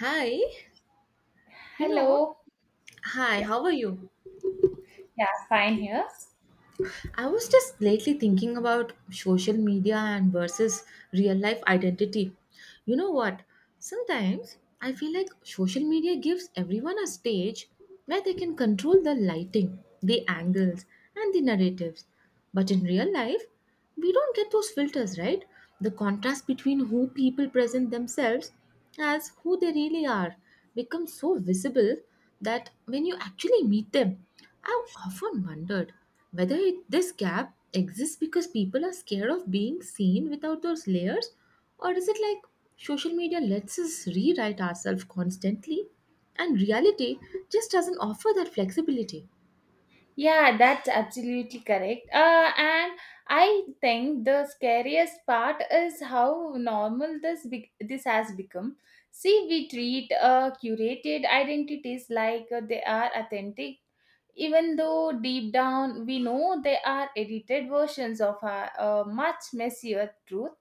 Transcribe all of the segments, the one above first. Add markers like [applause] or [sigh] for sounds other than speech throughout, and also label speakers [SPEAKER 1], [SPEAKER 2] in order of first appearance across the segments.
[SPEAKER 1] Hi, you know,
[SPEAKER 2] Hello.
[SPEAKER 1] hi, how are you?
[SPEAKER 2] Yeah, fine here.
[SPEAKER 1] I was just lately thinking about social media and versus real life identity. You know what? Sometimes I feel like social media gives everyone a stage where they can control the lighting, the angles, and the narratives. But in real life, we don't get those filters, right? The contrast between who people present themselves as who they really are becomes so visible that when you actually meet them, I've often wondered whether it, this gap exists because people are scared of being seen without those layers or is it like social media lets us rewrite ourselves constantly and reality just doesn't offer that flexibility?
[SPEAKER 2] Yeah, that's absolutely correct. And I think the scariest part is how normal this has become. See, we treat curated identities like they are authentic, even though deep down we know they are edited versions of our much messier truth.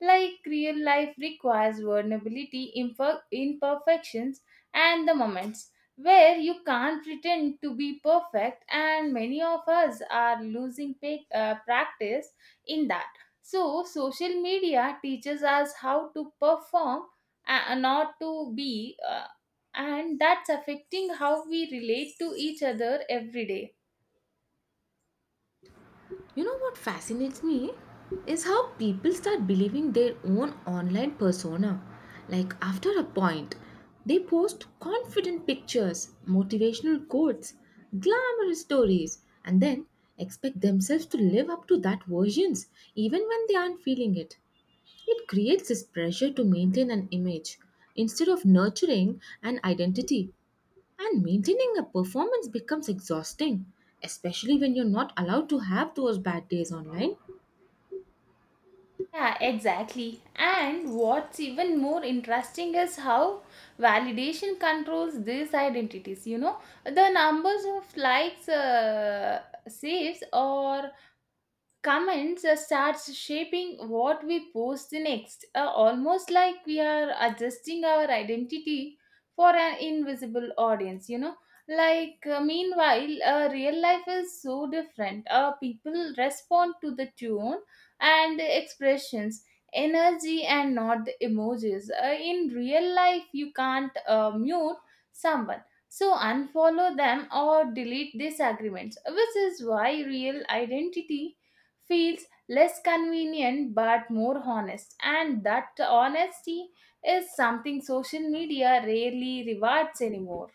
[SPEAKER 2] Like real life requires vulnerability, imperfections, and the moments where you can't pretend to be perfect, and many of us are losing practice in that. So, social media teaches us how to perform, not to be, and that's affecting how we relate to each other every day.
[SPEAKER 1] You know what fascinates me is how people start believing their own online persona. Like after a point, they post confident pictures, motivational quotes, glamorous stories, and then expect themselves to live up to that versions even when they aren't feeling it. It creates this pressure to maintain an image instead of nurturing an identity. And maintaining a performance becomes exhausting, especially when you're not allowed to have those bad days online.
[SPEAKER 2] Yeah, exactly. And what's even more interesting is how validation controls these identities. You know, the numbers of likes, saves, or comments starts shaping what we post next, almost like we are adjusting our identity for an invisible audience, meanwhile real life is so different. People respond to the tone and the expressions, energy, and not the emojis. In real life you can't mute someone, so unfollow them or delete disagreements, which is why real identity feels less convenient but more honest, and that honesty is something social media rarely rewards anymore.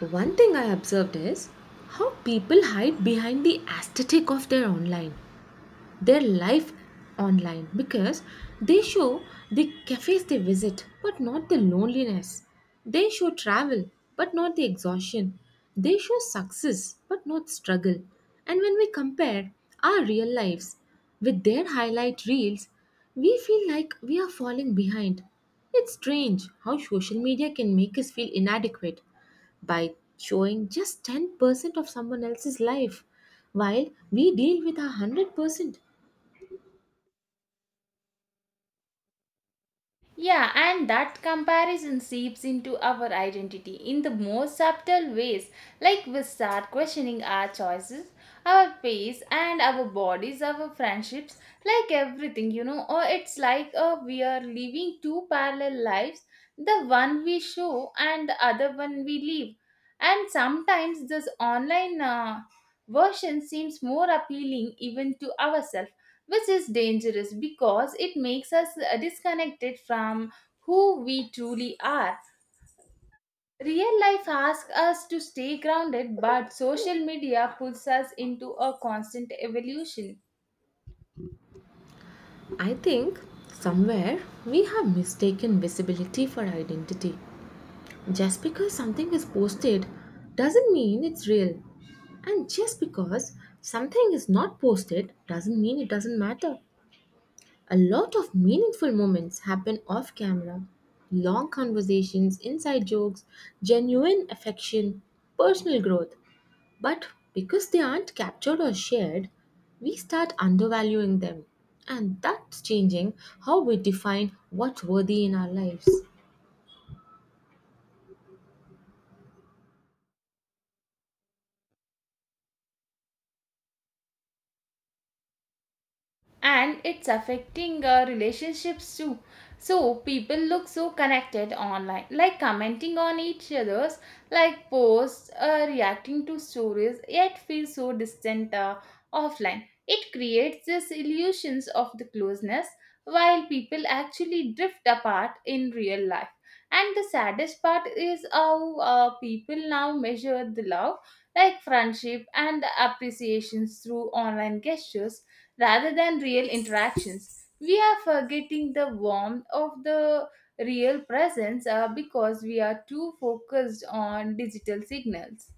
[SPEAKER 1] One thing I observed is how people hide behind the aesthetic of their online. Their life online because they show the cafes they visit but not the loneliness. They show travel but not the exhaustion. They show success but not struggle. And when we compare our real lives with their highlight reels, we feel like we are falling behind. It's strange how social media can make us feel inadequate by showing just 10% of someone else's life while we deal with our 100%.
[SPEAKER 2] Yeah, and that comparison seeps into our identity in the most subtle ways. Like, we start questioning our choices, our pace, and our bodies, our friendships, like everything, you know. Or it's like we are living two parallel lives, the one we show and the other one we live. And sometimes this online version seems more appealing even to ourselves, which is dangerous because it makes us disconnected from who we truly are. Real life asks us to stay grounded, but social media pulls us into a constant evolution.
[SPEAKER 1] I think somewhere we have mistaken visibility for identity. Just because something is posted doesn't mean it's real. And just because something is not posted doesn't mean it doesn't matter. A lot of meaningful moments happen off camera. Long conversations, inside jokes, genuine affection, personal growth. But because they aren't captured or shared, we start undervaluing them. And that's changing how we define what's worthy in our lives.
[SPEAKER 2] And it's affecting relationships too. So people look so connected online, like commenting on each other's, like, posts, reacting to stories, yet feel so distant offline. It creates this illusions of the closeness, while people actually drift apart in real life. And the saddest part is how people now measure the love, like friendship and appreciations, through online gestures rather than real interactions. We are forgetting the warmth of the real presence because we are too focused on digital signals.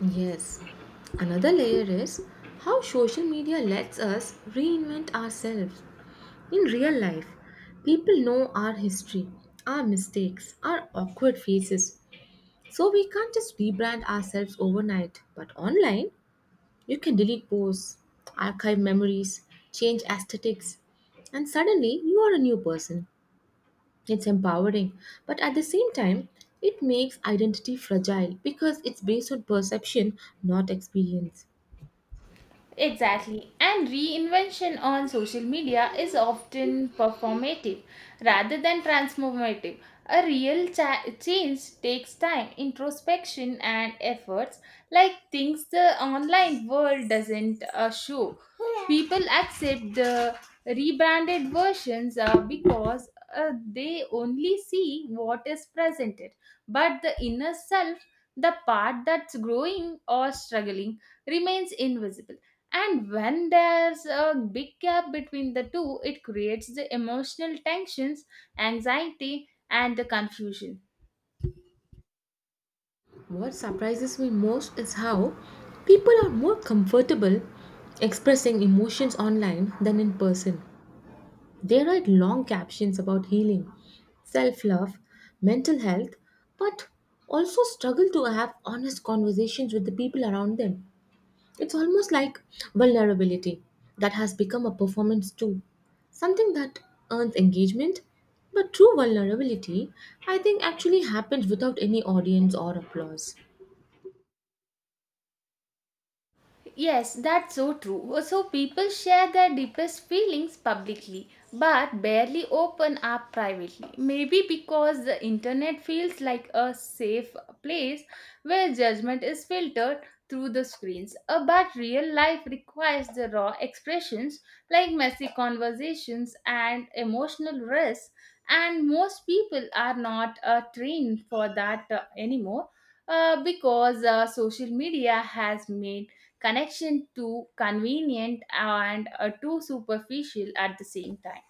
[SPEAKER 1] Yes. Another layer is how social media lets us reinvent ourselves in real life. People know our history, our mistakes, our awkward faces. So we can't just rebrand ourselves overnight. But online, you can delete posts, archive memories, change aesthetics, and suddenly you are a new person. It's empowering, but at the same time, it makes identity fragile because it's based on perception, not experience.
[SPEAKER 2] Exactly. And reinvention on social media is often performative rather than transformative. A real change takes time, introspection, and efforts, like things the online world doesn't show. People accept the rebranded versions because they only see what is presented, but the inner self, the part that's growing or struggling, remains invisible. And when there's a big gap between the two, it creates the emotional tensions, anxiety, and the confusion.
[SPEAKER 1] What surprises me most is how people are more comfortable expressing emotions online than in person. They write long captions about healing, self love, mental health, but also struggle to have honest conversations with the people around them. It's almost like vulnerability that has become a performance too, something that earns engagement. But true vulnerability, I think, actually happens without any audience or applause.
[SPEAKER 2] Yes, that's so true. So people share their deepest feelings publicly but barely open up privately. Maybe because the internet feels like a safe place where judgment is filtered through the screens. But real life requires the raw expressions, like messy conversations and emotional risks, and most people are not trained for that anymore, because social media has made connection too convenient and too superficial at the same time.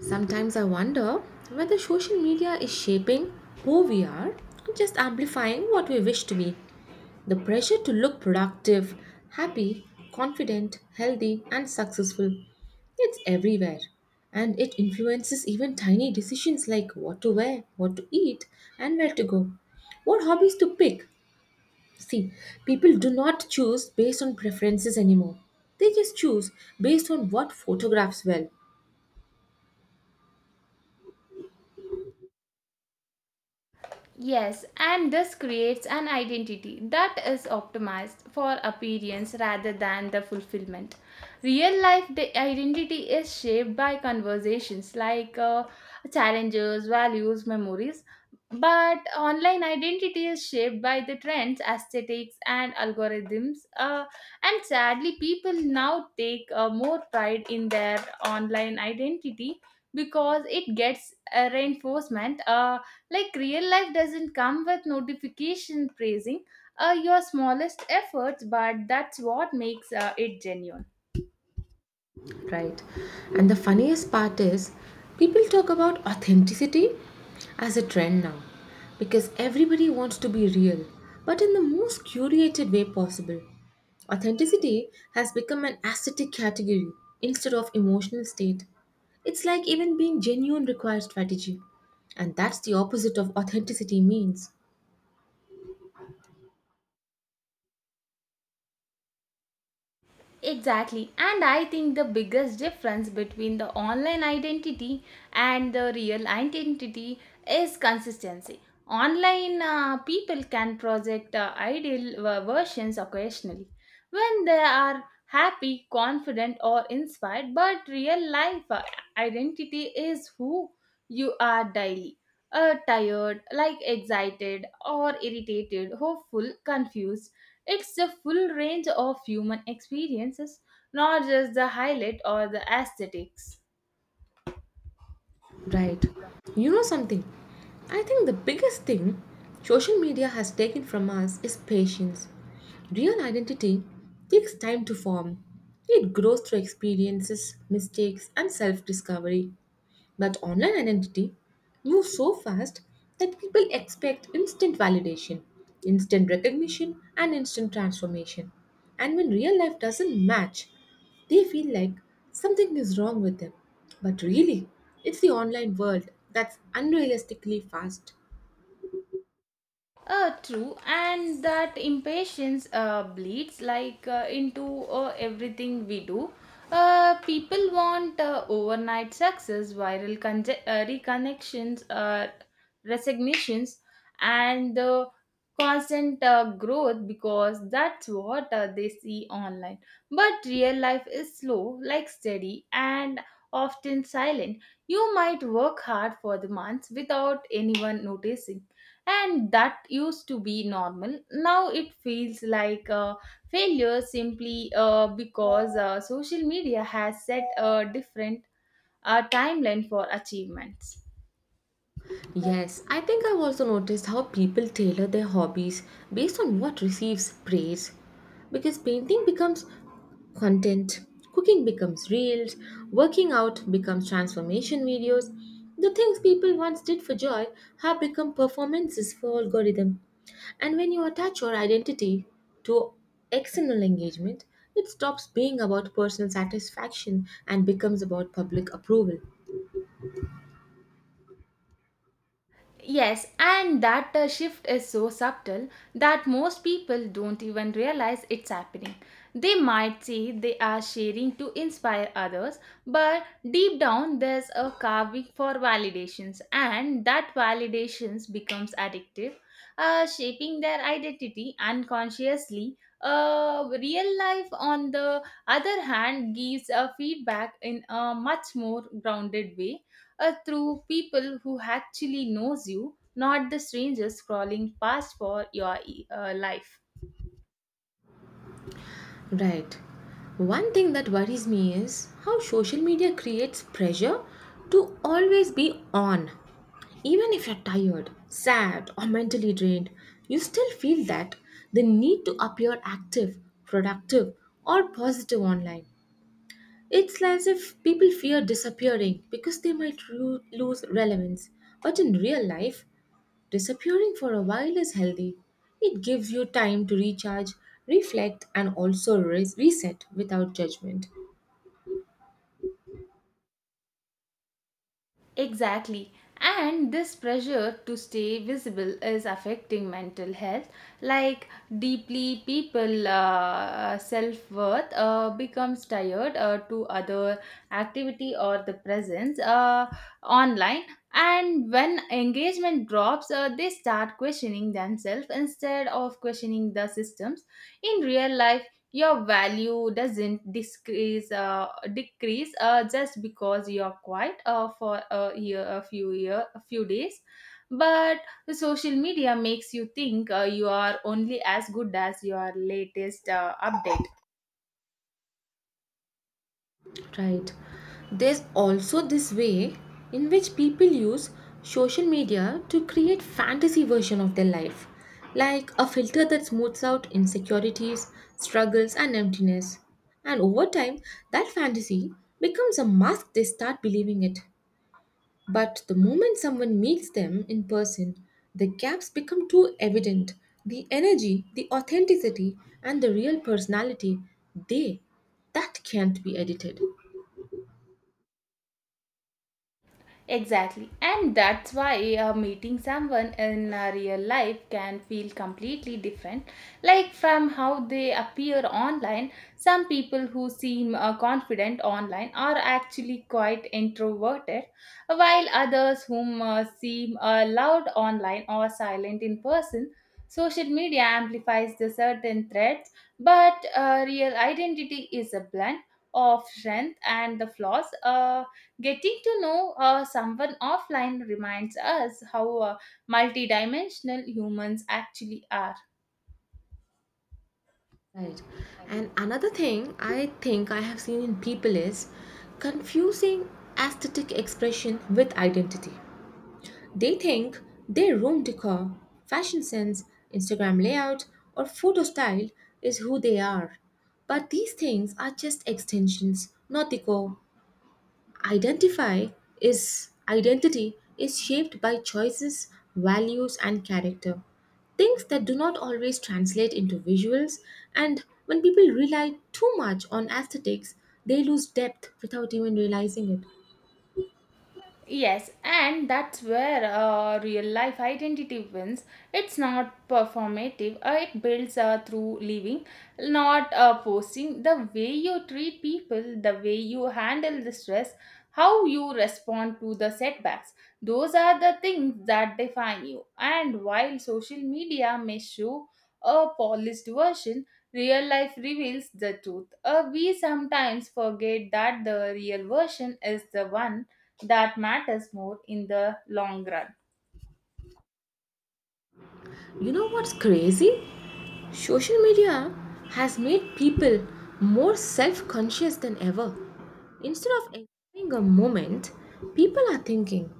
[SPEAKER 1] Sometimes I wonder whether social media is shaping who we are or just amplifying what we wish to be. The pressure to look productive, happy, confident, healthy, and successful. It's everywhere. And it influences even tiny decisions like what to wear, what to eat, and where to go. What hobbies to pick. See, people do not choose based on preferences anymore. They just choose based on what photographs well,
[SPEAKER 2] Yes, and this creates an identity that is optimized for appearance rather than the fulfillment. Real life identity is shaped by conversations, like challenges, values, memories, but online identity is shaped by the trends, aesthetics, and algorithms. And sadly, people now take more pride in their online identity because it gets a reinforcement. Like real life doesn't come with notification praising your smallest efforts, but that's what makes it genuine.
[SPEAKER 1] right. And the funniest part is people talk about authenticity as a trend now because everybody wants to be real but in the most curated way possible. Authenticity has become an aesthetic category instead of emotional state. It's like even being genuine requires strategy and that's the opposite of authenticity means.
[SPEAKER 2] Exactly. And I think the biggest difference between the online identity and the real identity is consistency. Online, people can project ideal versions occasionally, when they are happy, confident, or inspired, but real life identity is who you are daily. Tired, like excited, or irritated, hopeful, confused, it's the full range of human experiences, not just the highlight or the aesthetics.
[SPEAKER 1] Right. You know something? I think the biggest thing social media has taken from us is patience. Real identity takes time to form, it grows through experiences, mistakes, and self discovery. But online identity moves so fast that people expect instant validation, instant recognition, and instant transformation. And when real life doesn't match, they feel like something is wrong with them. But really, it's the online world that's unrealistically fast.
[SPEAKER 2] True, and that impatience bleeds like into everything we do. People want overnight success, viral reconnections, resignations, and constant growth, because that's what they see online. But real life is slow, like steady, and often silent. You might work hard for the months without anyone noticing, and that used to be normal. Now it feels like a failure, simply because social media has set a different timeline for achievements.
[SPEAKER 1] Yes, I think I've also noticed how people tailor their hobbies based on what receives praise. Because painting becomes content. Cooking becomes reels, working out becomes transformation videos. The things people once did for joy have become performances for algorithm. And when you attach your identity to external engagement, it stops being about personal satisfaction and becomes about public approval.
[SPEAKER 2] Yes, and that shift is so subtle that most people don't even realize it's happening. They might say they are sharing to inspire others, but deep down there's a carving for validations, and that validations becomes addictive, shaping their identity unconsciously. Real life, on the other hand, gives a feedback in a much more grounded way, through people who actually knows you, not the strangers crawling past for your life.
[SPEAKER 1] Right. One thing that worries me is how social media creates pressure to always be on. Even if you're tired, sad, or mentally drained, you still feel that the need to appear active, productive, or positive online. It's as if people fear disappearing because they might lose relevance. But in real life, disappearing for a while is healthy. It gives you time to recharge, reflect, and also reset without judgment.
[SPEAKER 2] Exactly. And this pressure to stay visible is affecting mental health. Like, deeply, people self worth becomes tired to other activity or the presence online. And when engagement drops, they start questioning themselves instead of questioning the systems. In real life, your value doesn't decrease just because you're quiet for a few year a few days, but the social media makes you think you are only as good as your latest update.
[SPEAKER 1] Right. There's also this way in which people use social media to create fantasy version of their life, like a filter that smooths out insecurities, struggles, and emptiness. And over time, that fantasy becomes a mask they start believing it. But the moment someone meets them in person, the gaps become too evident. The energy, the authenticity, and the real personality, they that can't be edited.
[SPEAKER 2] Exactly. And that's why meeting someone in real life can feel completely different. Like, from how they appear online, some people who seem confident online are actually quite introverted, while others whom seem loud online or silent in person. Social media amplifies the certain threats, but real identity is a blend of strength and the flaws. Getting to know someone offline reminds us how multidimensional humans actually are.
[SPEAKER 1] Right. And another thing I think I have seen in people is confusing aesthetic expression with identity. They think their room decor, fashion sense, Instagram layout, or photo style is who they are. But these things are just extensions, not decor. Identify is identity is shaped by choices, values, and character. Things that do not always translate into visuals, and when people rely too much on aesthetics, they lose depth without even realizing it.
[SPEAKER 2] Yes, and that's where real life identity wins. It's not performative, it builds through living, not posting. The way you treat people, the way you handle the stress, how you respond to the setbacks, those are the things that define you. And while social media may show a polished version, real life reveals the truth. We sometimes forget that the real version is the one that matters more in the long run.
[SPEAKER 1] You know what's crazy? Social media has made people more self conscious than ever. Instead of enjoying a moment, people are thinking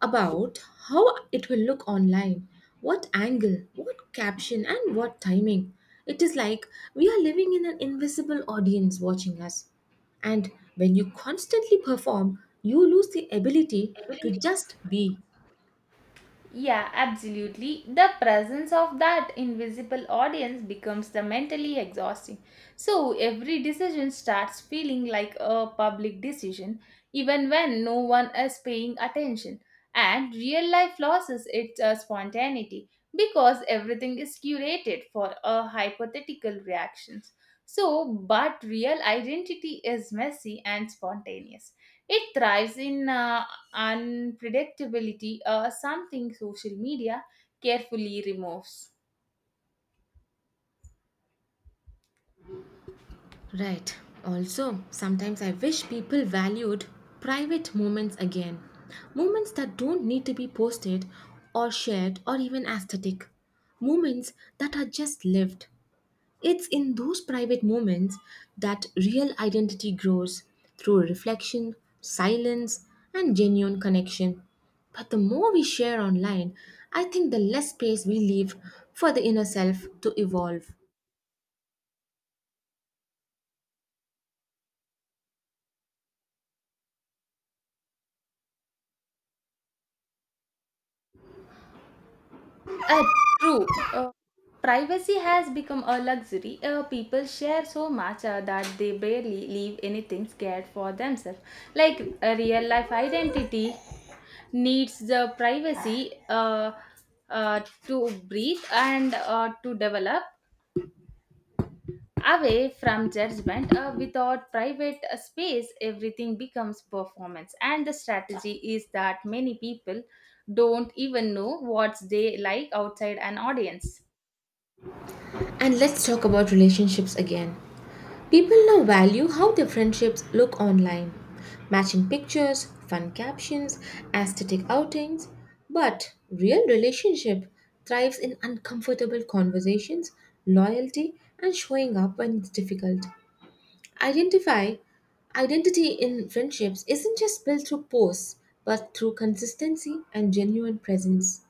[SPEAKER 1] about how it will look online, what angle, what caption, and what timing. It is like we are living in an invisible audience watching us. And when you constantly perform, you lose the ability to just be.
[SPEAKER 2] Yeah, absolutely. The presence of that invisible audience becomes the mentally exhausting. So every decision starts feeling like a public decision, even when no one is paying attention. And real life losses its spontaneity because everything is curated for a hypothetical reactions. So, but real identity is messy and spontaneous. It thrives in unpredictability, something social media carefully removes.
[SPEAKER 1] Right. Also, sometimes I wish people valued private moments again. Moments that don't need to be posted or shared or even aesthetic. Moments that are just lived. It's in those private moments that real identity grows through reflection, silence, and genuine connection. But the more we share online, I think the less space we leave for the inner self to evolve.
[SPEAKER 2] Uh, true. Uh, Privacy has become a luxury. People share so much that they barely leave anything scared for themselves. Like, a real life identity needs the privacy uh, to breathe and to develop, away from judgment. Without private space, everything becomes performance and the strategy, is that many people don't even know what they like outside an audience.
[SPEAKER 1] And let's talk about relationships again. People now value how their friendships look online matching pictures, fun captions, aesthetic outings. But real relationship thrives in uncomfortable conversations, loyalty, and showing up when it's difficult. Identify identity in friendships isn't just built through posts, but through consistency and genuine presence.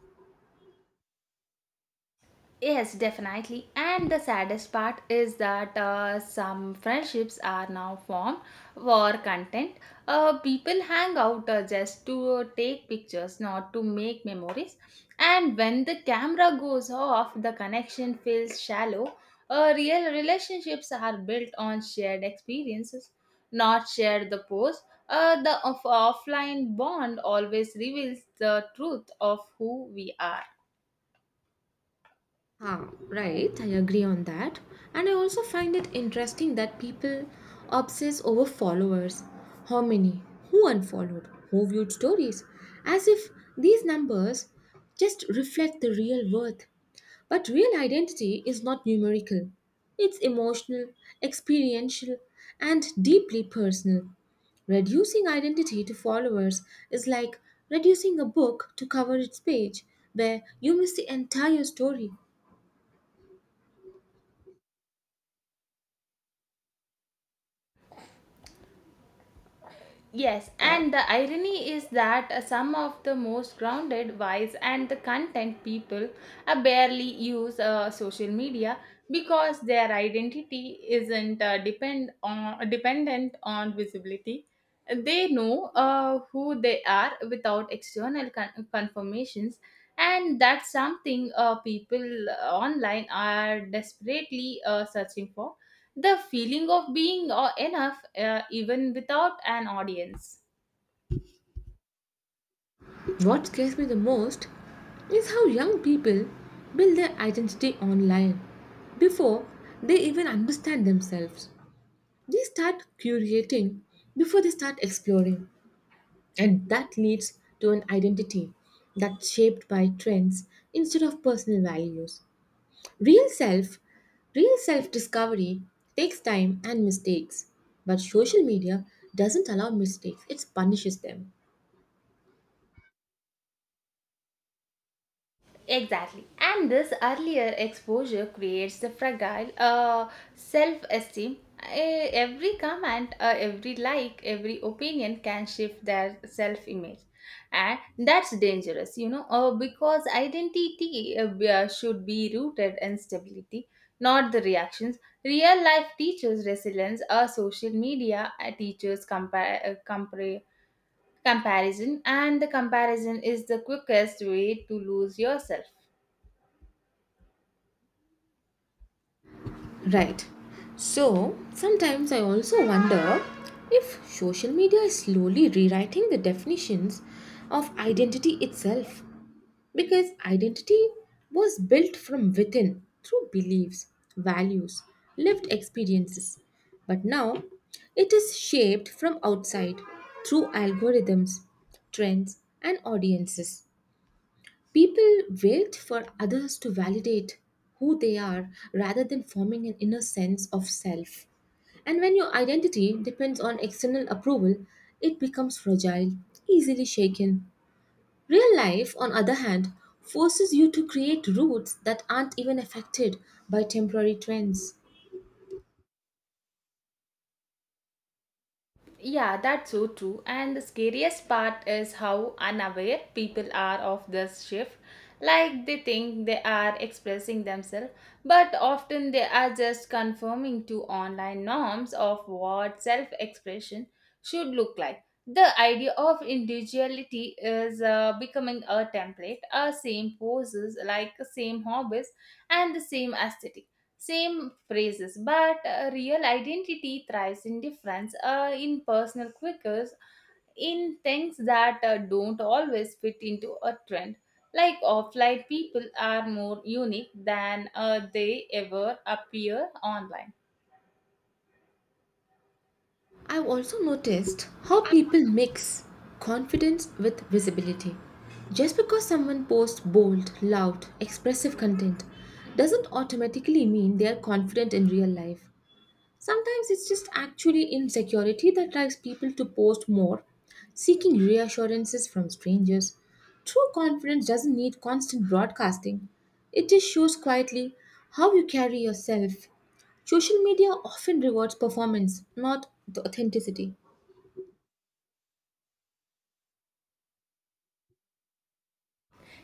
[SPEAKER 2] Yes, definitely. And the saddest part is that some friendships are now formed for content. People hang out just to take pictures, not to make memories. And when the camera goes off, the connection feels shallow. Real relationships are built on shared experiences, not shared the post. The offline bond always reveals the truth of who we are.
[SPEAKER 1] Ah, right, I agree on that. And I also find it interesting that people obsess over followers. How many? Who unfollowed? Who viewed stories? As if these numbers just reflect the real worth. But real identity is not numerical, it's emotional, experiential, and deeply personal. Reducing identity to followers is like reducing a book to cover its page, where you miss the entire story.
[SPEAKER 2] Yes, and the irony is that some of the most grounded, wise, and the content people barely use social media because their identity isn't dependent on visibility. They know who they are without external confirmations, and that's something people online are desperately searching for. The feeling of being enough even without an audience.
[SPEAKER 1] What scares me the most is how young people build their identity online before they even understand themselves. They start curating before they start exploring, and that leads to an identity that's shaped by trends instead of personal values. Real self, real self discovery takes time and mistakes, but social media doesn't allow mistakes, it punishes them.
[SPEAKER 2] Exactly. And this earlier exposure creates the fragile self esteem. Every comment, every like, every opinion can shift their self image. And that's dangerous, you know, because identity should be rooted in stability, not the reactions. Real life teaches resilience, social media teaches compare, compare comparison, and the comparison is the quickest way to lose yourself.
[SPEAKER 1] Right. So sometimes I also wonder if social media is slowly rewriting the definitions of identity itself because identity was built from within through beliefs, values, lived experiences. But now it is shaped from outside through algorithms, trends, and audiences. People wait for others to validate who they are rather than forming an inner sense of self. And when your identity depends on external approval, it becomes fragile, easily shaken. Real life, on other hand, forces you to create roots that aren't even affected by temporary trends.
[SPEAKER 2] Yeah, that's so true. And the scariest part is how unaware people are of this shift. Like, they think they are expressing themselves, but often they are just conforming to online norms of what self expression should look like. The idea of individuality is becoming a template, a same poses, like same hobbies and the same aesthetic. Same phrases, but real identity thrives in difference, in personal quirks, in things that don't always fit into a trend. Like, offline people are more unique than they ever appear online.
[SPEAKER 1] I've also noticed how people mix confidence with visibility. Just because someone posts bold, loud, expressive content doesn't automatically mean they are confident in real life. Sometimes it's just actually insecurity that drives people to post more, seeking reassurances from strangers. True confidence doesn't need constant broadcasting, it just shows quietly how you carry yourself. Social media often rewards performance, not the authenticity.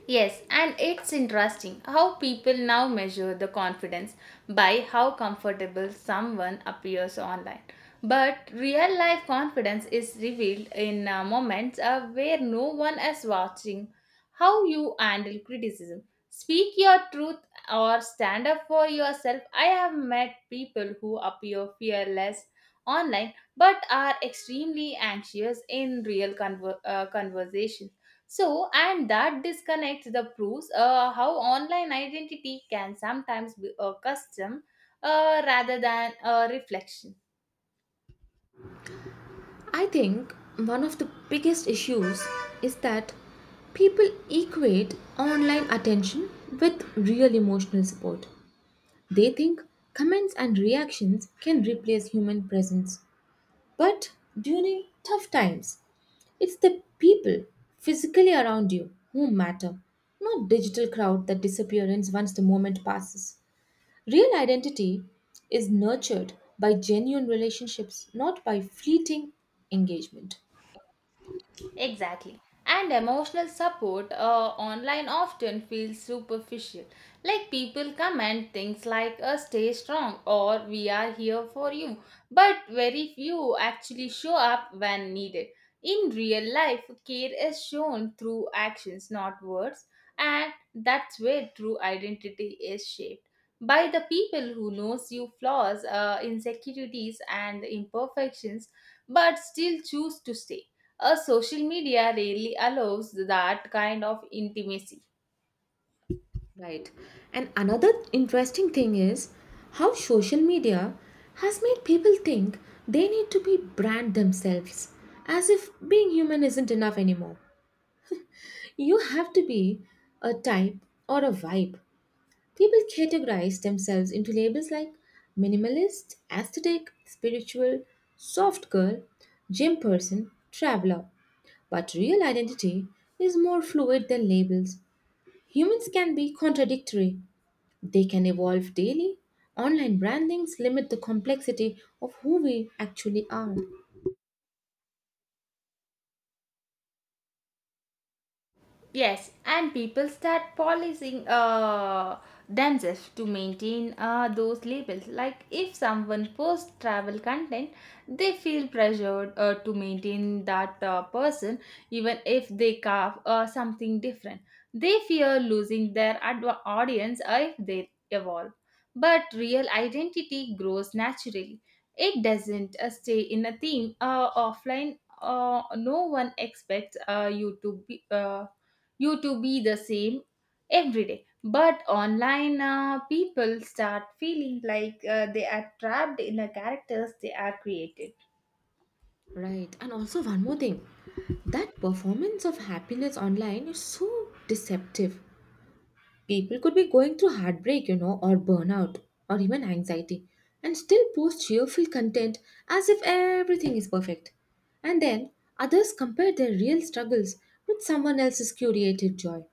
[SPEAKER 2] Yes, and it's interesting how people now measure the confidence by how comfortable someone appears online. But real life confidence is revealed in moments where no one is watching. How you handle criticism, speak your truth, or stand up for yourself. I have met people who appear fearless online but are extremely anxious in real conversation so, and that disconnect the proves how online identity can sometimes be a custom rather than a reflection.
[SPEAKER 1] I think one of the biggest issues is that people equate online attention with real emotional support. They think comments and reactions can replace human presence. But during tough times, it's the people physically around you who matter, not digital crowd that disappears once the moment passes. Real identity is nurtured by genuine relationships, not by fleeting engagement.
[SPEAKER 2] Exactly. And emotional support online often feels superficial. Like people comment things like stay strong or we are here for you. But very few actually show up when needed. In real life, care is shown through actions, not words. And that's where true identity is shaped by the people who knows your flaws, insecurities, and imperfections, but still choose to stay. A social media really allows that kind of intimacy.
[SPEAKER 1] Right. And another interesting thing is how social media has made people think they need to be brand themselves, as if being human isn't enough anymore. You have to be a type or a vibe. People categorize themselves into labels like minimalist, aesthetic, spiritual, soft girl, gym person, traveler. But real identity is more fluid than labels. Humans can be contradictory they can evolve daily. Online brandings limit the complexity of who we actually are.
[SPEAKER 2] Yes, and people start policing themselves to maintain those labels. Like if someone posts travel content, they feel pressured to maintain that person, even if they carve something different. They fear losing their audience if they evolve. But real identity grows naturally. It doesn't stay in a theme offline. No one expects you to be. You to be the same every day, but online people start feeling like they are trapped in the characters they are created.
[SPEAKER 1] Right. And also, one more thing, that performance of happiness online is so deceptive. People could be going through heartbreak, or burnout, or even anxiety, and still post cheerful content as if everything is perfect. And then others compare their real struggles with someone else's curated joy.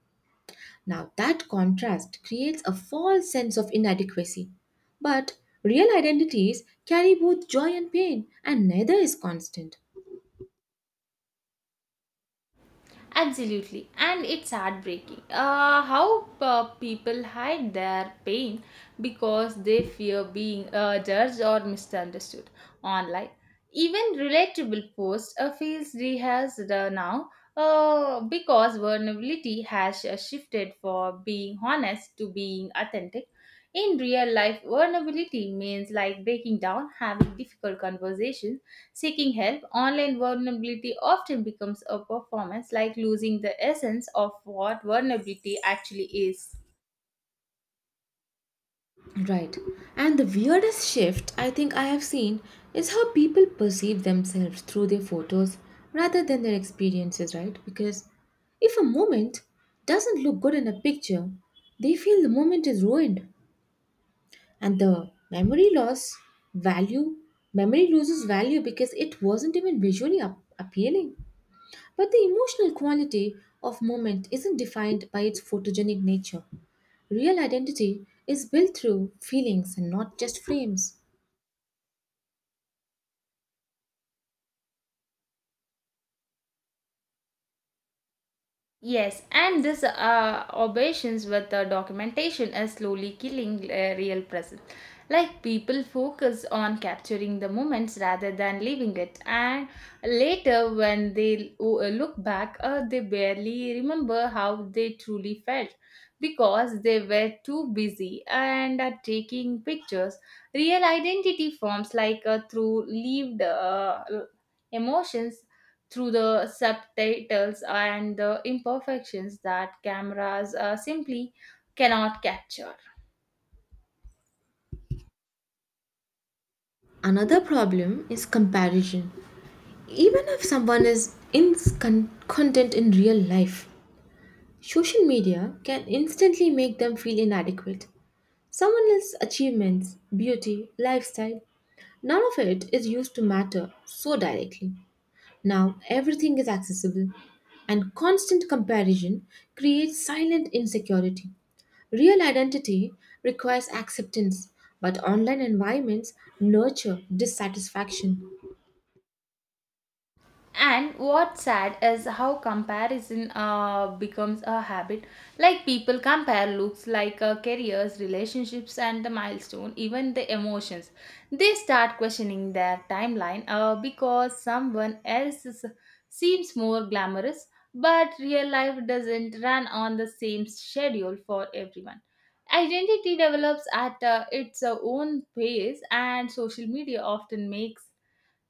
[SPEAKER 1] Now, that contrast creates a false sense of inadequacy. But real identities carry both joy and pain, and neither is constant.
[SPEAKER 2] Absolutely, and it's heartbreaking. How people hide their pain because they fear being judged or misunderstood online. Even relatable posts feels rehearsed now because vulnerability has shifted from being honest to being authentic. In real life, vulnerability means like breaking down, having difficult conversations, seeking help. Online vulnerability often becomes a performance, like losing the essence of what vulnerability actually is.
[SPEAKER 1] Right. And the weirdest shift I think I have seen is how people perceive themselves through their photos rather than their experiences, right? Because if a moment doesn't look good in a picture, they feel the moment is ruined and the memory loss value memory loses value because it wasn't even visually appealing. But the emotional quality of moment isn't defined by its photogenic nature. Real identity is built through feelings and not just frames.
[SPEAKER 2] Yes, and this obeisance with the documentation is slowly killing real present. Like people focus on capturing the moments rather than living it, and later when they look back, they barely remember how they truly felt because they were too busy and are taking pictures. Real identity forms like through lived emotions, through the subtitles and the imperfections that cameras simply cannot capture.
[SPEAKER 1] Another problem is comparison. Even if someone is content in real life, social media can instantly make them feel inadequate. Someone else's achievements, beauty, lifestyle, none of it is used to matter so directly. Now everything is accessible, and constant comparison creates silent insecurity. Real identity requires acceptance, but online environments nurture dissatisfaction.
[SPEAKER 2] And what's sad is how comparison becomes a habit. Like people compare looks, like careers, relationships, and the milestone, even the emotions. They start questioning their timeline because someone seems more glamorous, but real life doesn't run on the same schedule for everyone. Identity develops at its own pace, and social media often makes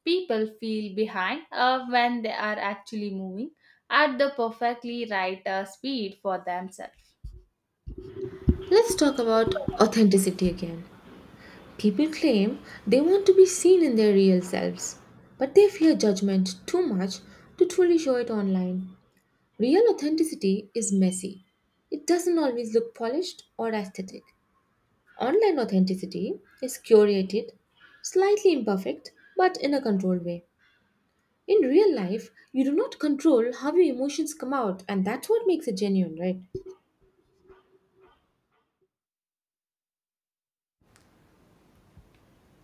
[SPEAKER 2] people feel behind when they are actually moving at the perfectly right speed for themselves.
[SPEAKER 1] Let's talk about authenticity again. People claim they want to be seen in their real selves, but they fear judgment too much to truly show it online. Real authenticity is messy. It doesn't always look polished or aesthetic. Online authenticity is curated, slightly imperfect, but in a controlled way. In real life, you do not control how your emotions come out, and that's what makes it genuine, right?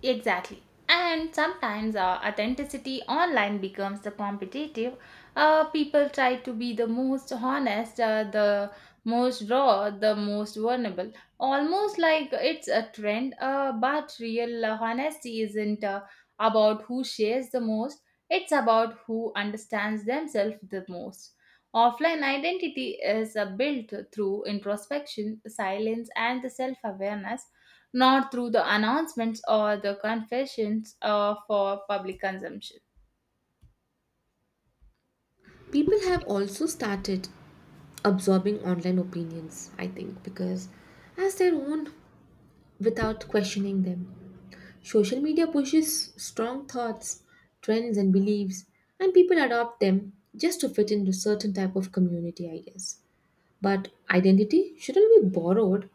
[SPEAKER 2] Exactly. And sometimes authenticity online becomes the competitive. People try to be the most honest, the most raw, the most vulnerable. Almost like it's a trend, but real honesty isn't about who shares the most, it's about who understands themselves the most. Offline identity is built through introspection, silence, and the self awareness, not through the announcements or the confessions for public consumption.
[SPEAKER 1] People have also started absorbing online opinions, I think, because as their own, without questioning them. Social media pushes strong thoughts, trends, and beliefs, and people adopt them just to fit into certain type of community, I guess. But identity shouldn't be borrowed.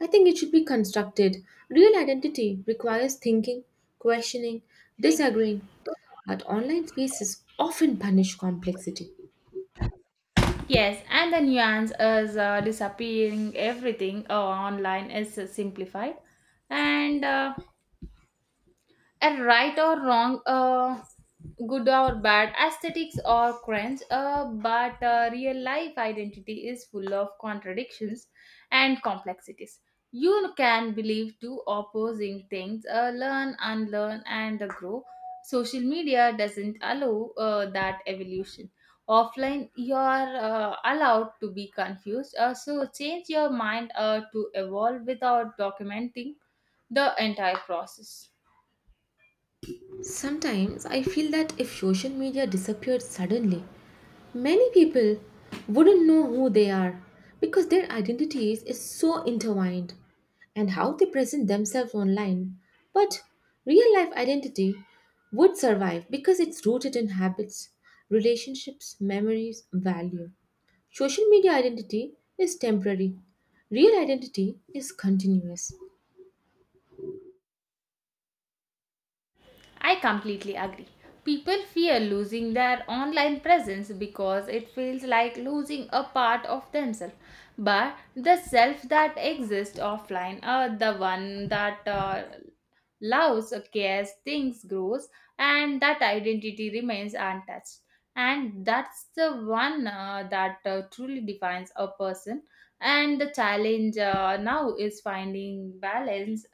[SPEAKER 1] I think it should be constructed. Real identity requires thinking, questioning, disagreeing, but online spaces often punish complexity.
[SPEAKER 2] Yes, and the nuance is disappearing. Everything online is simplified, and uh, and right or wrong, good or bad, aesthetics or cringe, but real life identity is full of contradictions and complexities. You can believe two opposing things, learn, unlearn, and grow. Social media doesn't allow that evolution. Offline you are allowed to be confused, so change your mind, to evolve without documenting the entire process.
[SPEAKER 1] Sometimes I feel that if social media disappeared suddenly, many people wouldn't know who they are because their identities is so intertwined and how they present themselves online. But real life identity would survive because it's rooted in habits, relationships, memories, value. Social media identity is temporary. Real identity is continuous.
[SPEAKER 2] I completely agree. People fear losing their online presence because it feels like losing a part of themselves. But the self that exists offline are the one that loves, cares, thinks, grows, and that identity remains untouched. And that's the one that truly defines a person. And the challenge now is finding balance,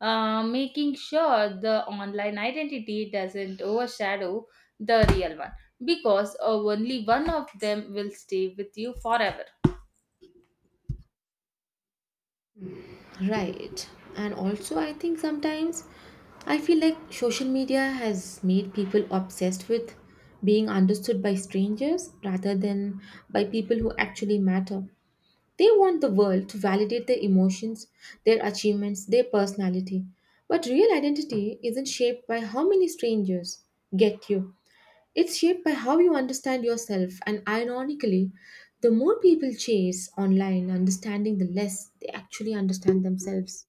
[SPEAKER 2] making sure the online identity doesn't overshadow the real one, because only one of them will stay with you forever.
[SPEAKER 1] Right. And also, I think sometimes I feel like social media has made people obsessed with being understood by strangers rather than by people who actually matter. They want the world to validate their emotions, their achievements, their personality. But real identity isn't shaped by how many strangers get you, it's shaped by how you understand yourself. And ironically, the more people chase online understanding, the less they actually understand themselves.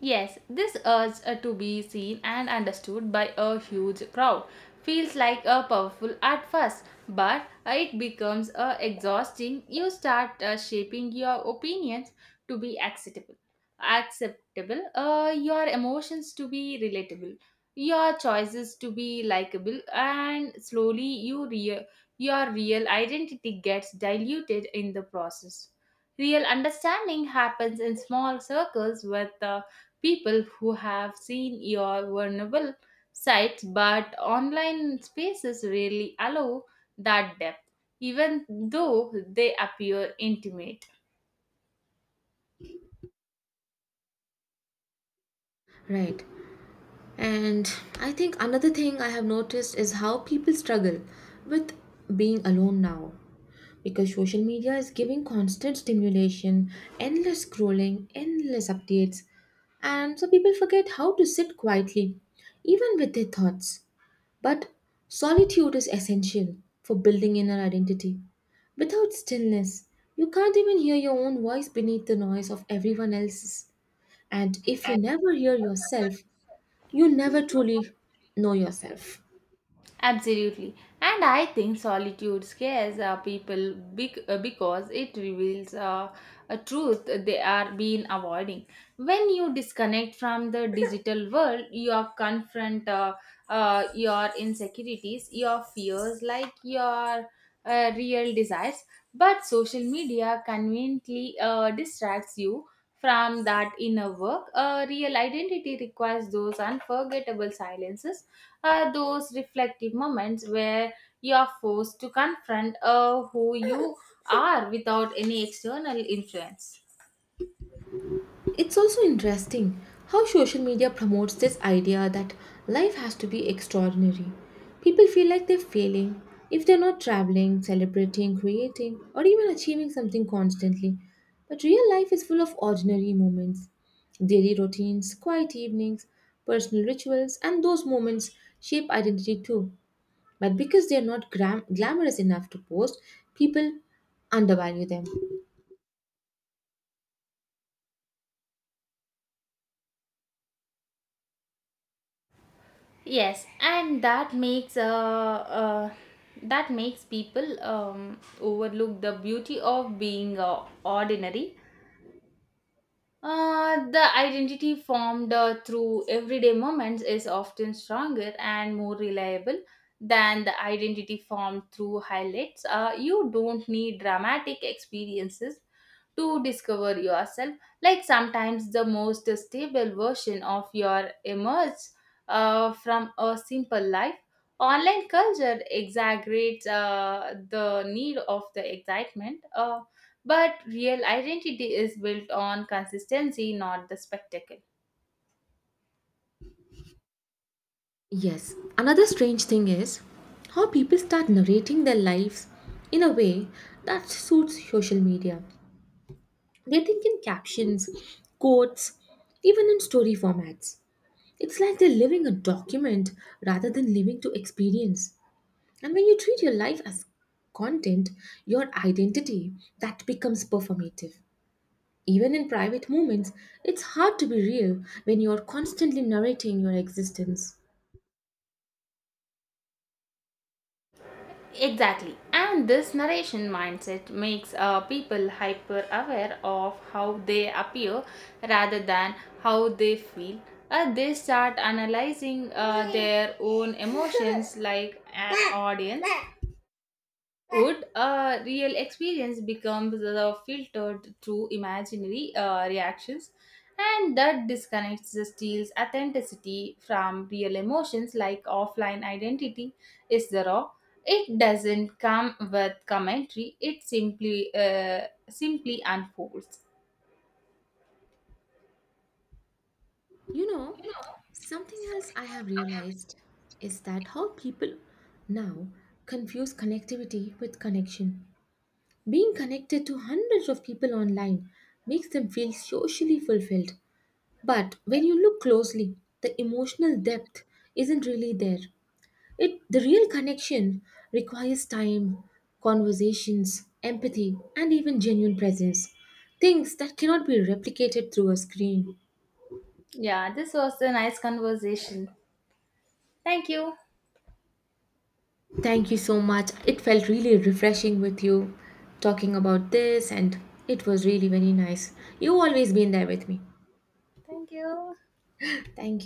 [SPEAKER 2] Yes, this urge to be seen and understood by a huge crowd feels like a powerful at first, but it becomes exhausting. You start shaping your opinions to be acceptable, your emotions to be relatable, your choices to be likable, and slowly your real identity gets diluted in the process. Real understanding happens in small circles with people who have seen your vulnerable sites, but online spaces rarely allow that depth, even though they appear intimate.
[SPEAKER 1] Right. And I think another thing I have noticed is how people struggle with being alone now. Because social media is giving constant stimulation, endless scrolling, endless updates. And so people forget how to sit quietly, even with their thoughts. But solitude is essential for building inner identity. Without stillness, you can't even hear your own voice beneath the noise of everyone else's. And if you never hear yourself, you never truly know yourself.
[SPEAKER 2] Absolutely. And I think solitude scares people because it reveals a truth they are being avoiding. When you disconnect from the digital world, you are confront your insecurities, your fears, like your real desires. But social media conveniently distracts you from that inner work. Real identity requires those unforgettable silences, are those reflective moments where you are forced to confront who you [laughs] are without any external influence.
[SPEAKER 1] It's also interesting how social media promotes this idea that life has to be extraordinary. People feel like they're failing if they're not traveling, celebrating, creating, or even achieving something constantly. But real life is full of ordinary moments, daily routines, quiet evenings, personal rituals, and those moments shape identity too. But because they're not glamorous enough to post, people undervalue them.
[SPEAKER 2] Yes and that makes people overlook the beauty of being ordinary. The identity formed through everyday moments is often stronger and more reliable than the identity formed through highlights. You don't need dramatic experiences to discover yourself. Like sometimes the most stable version of your emerges from a simple life. Online culture exaggerates the need of the excitement. But real identity is built on consistency, not the spectacle.
[SPEAKER 1] Yes, another strange thing is how people start narrating their lives in a way that suits social media. They think in captions, quotes, even in story formats. It's like they're living a document rather than living to experience. And when you treat your life as content, your identity, that becomes performative. Even in private moments, it's hard to be real when you're constantly narrating your existence.
[SPEAKER 2] Exactly. And this narration mindset makes people hyper aware of how they appear rather than how they feel. They start analyzing their own emotions [laughs] like an audience. Would a real experience become the filtered through imaginary reactions, and that disconnects the steel's authenticity from real emotions, like offline identity is the raw. It doesn't come with commentary. It simply unfolds.
[SPEAKER 1] You know, something else I have realized is that how people now confuse connectivity with connection. Being connected to hundreds of people online makes them feel socially fulfilled. But when you look closely, the emotional depth isn't really there. It, the real connection requires time, conversations, empathy, and even genuine presence. Things that cannot be replicated through a screen.
[SPEAKER 2] Yeah, this was a nice conversation. Thank you.
[SPEAKER 1] Thank you so much. It felt really refreshing with you talking about this, and it was really very nice. You always been there with me.
[SPEAKER 2] Thank you.
[SPEAKER 1] Thank you.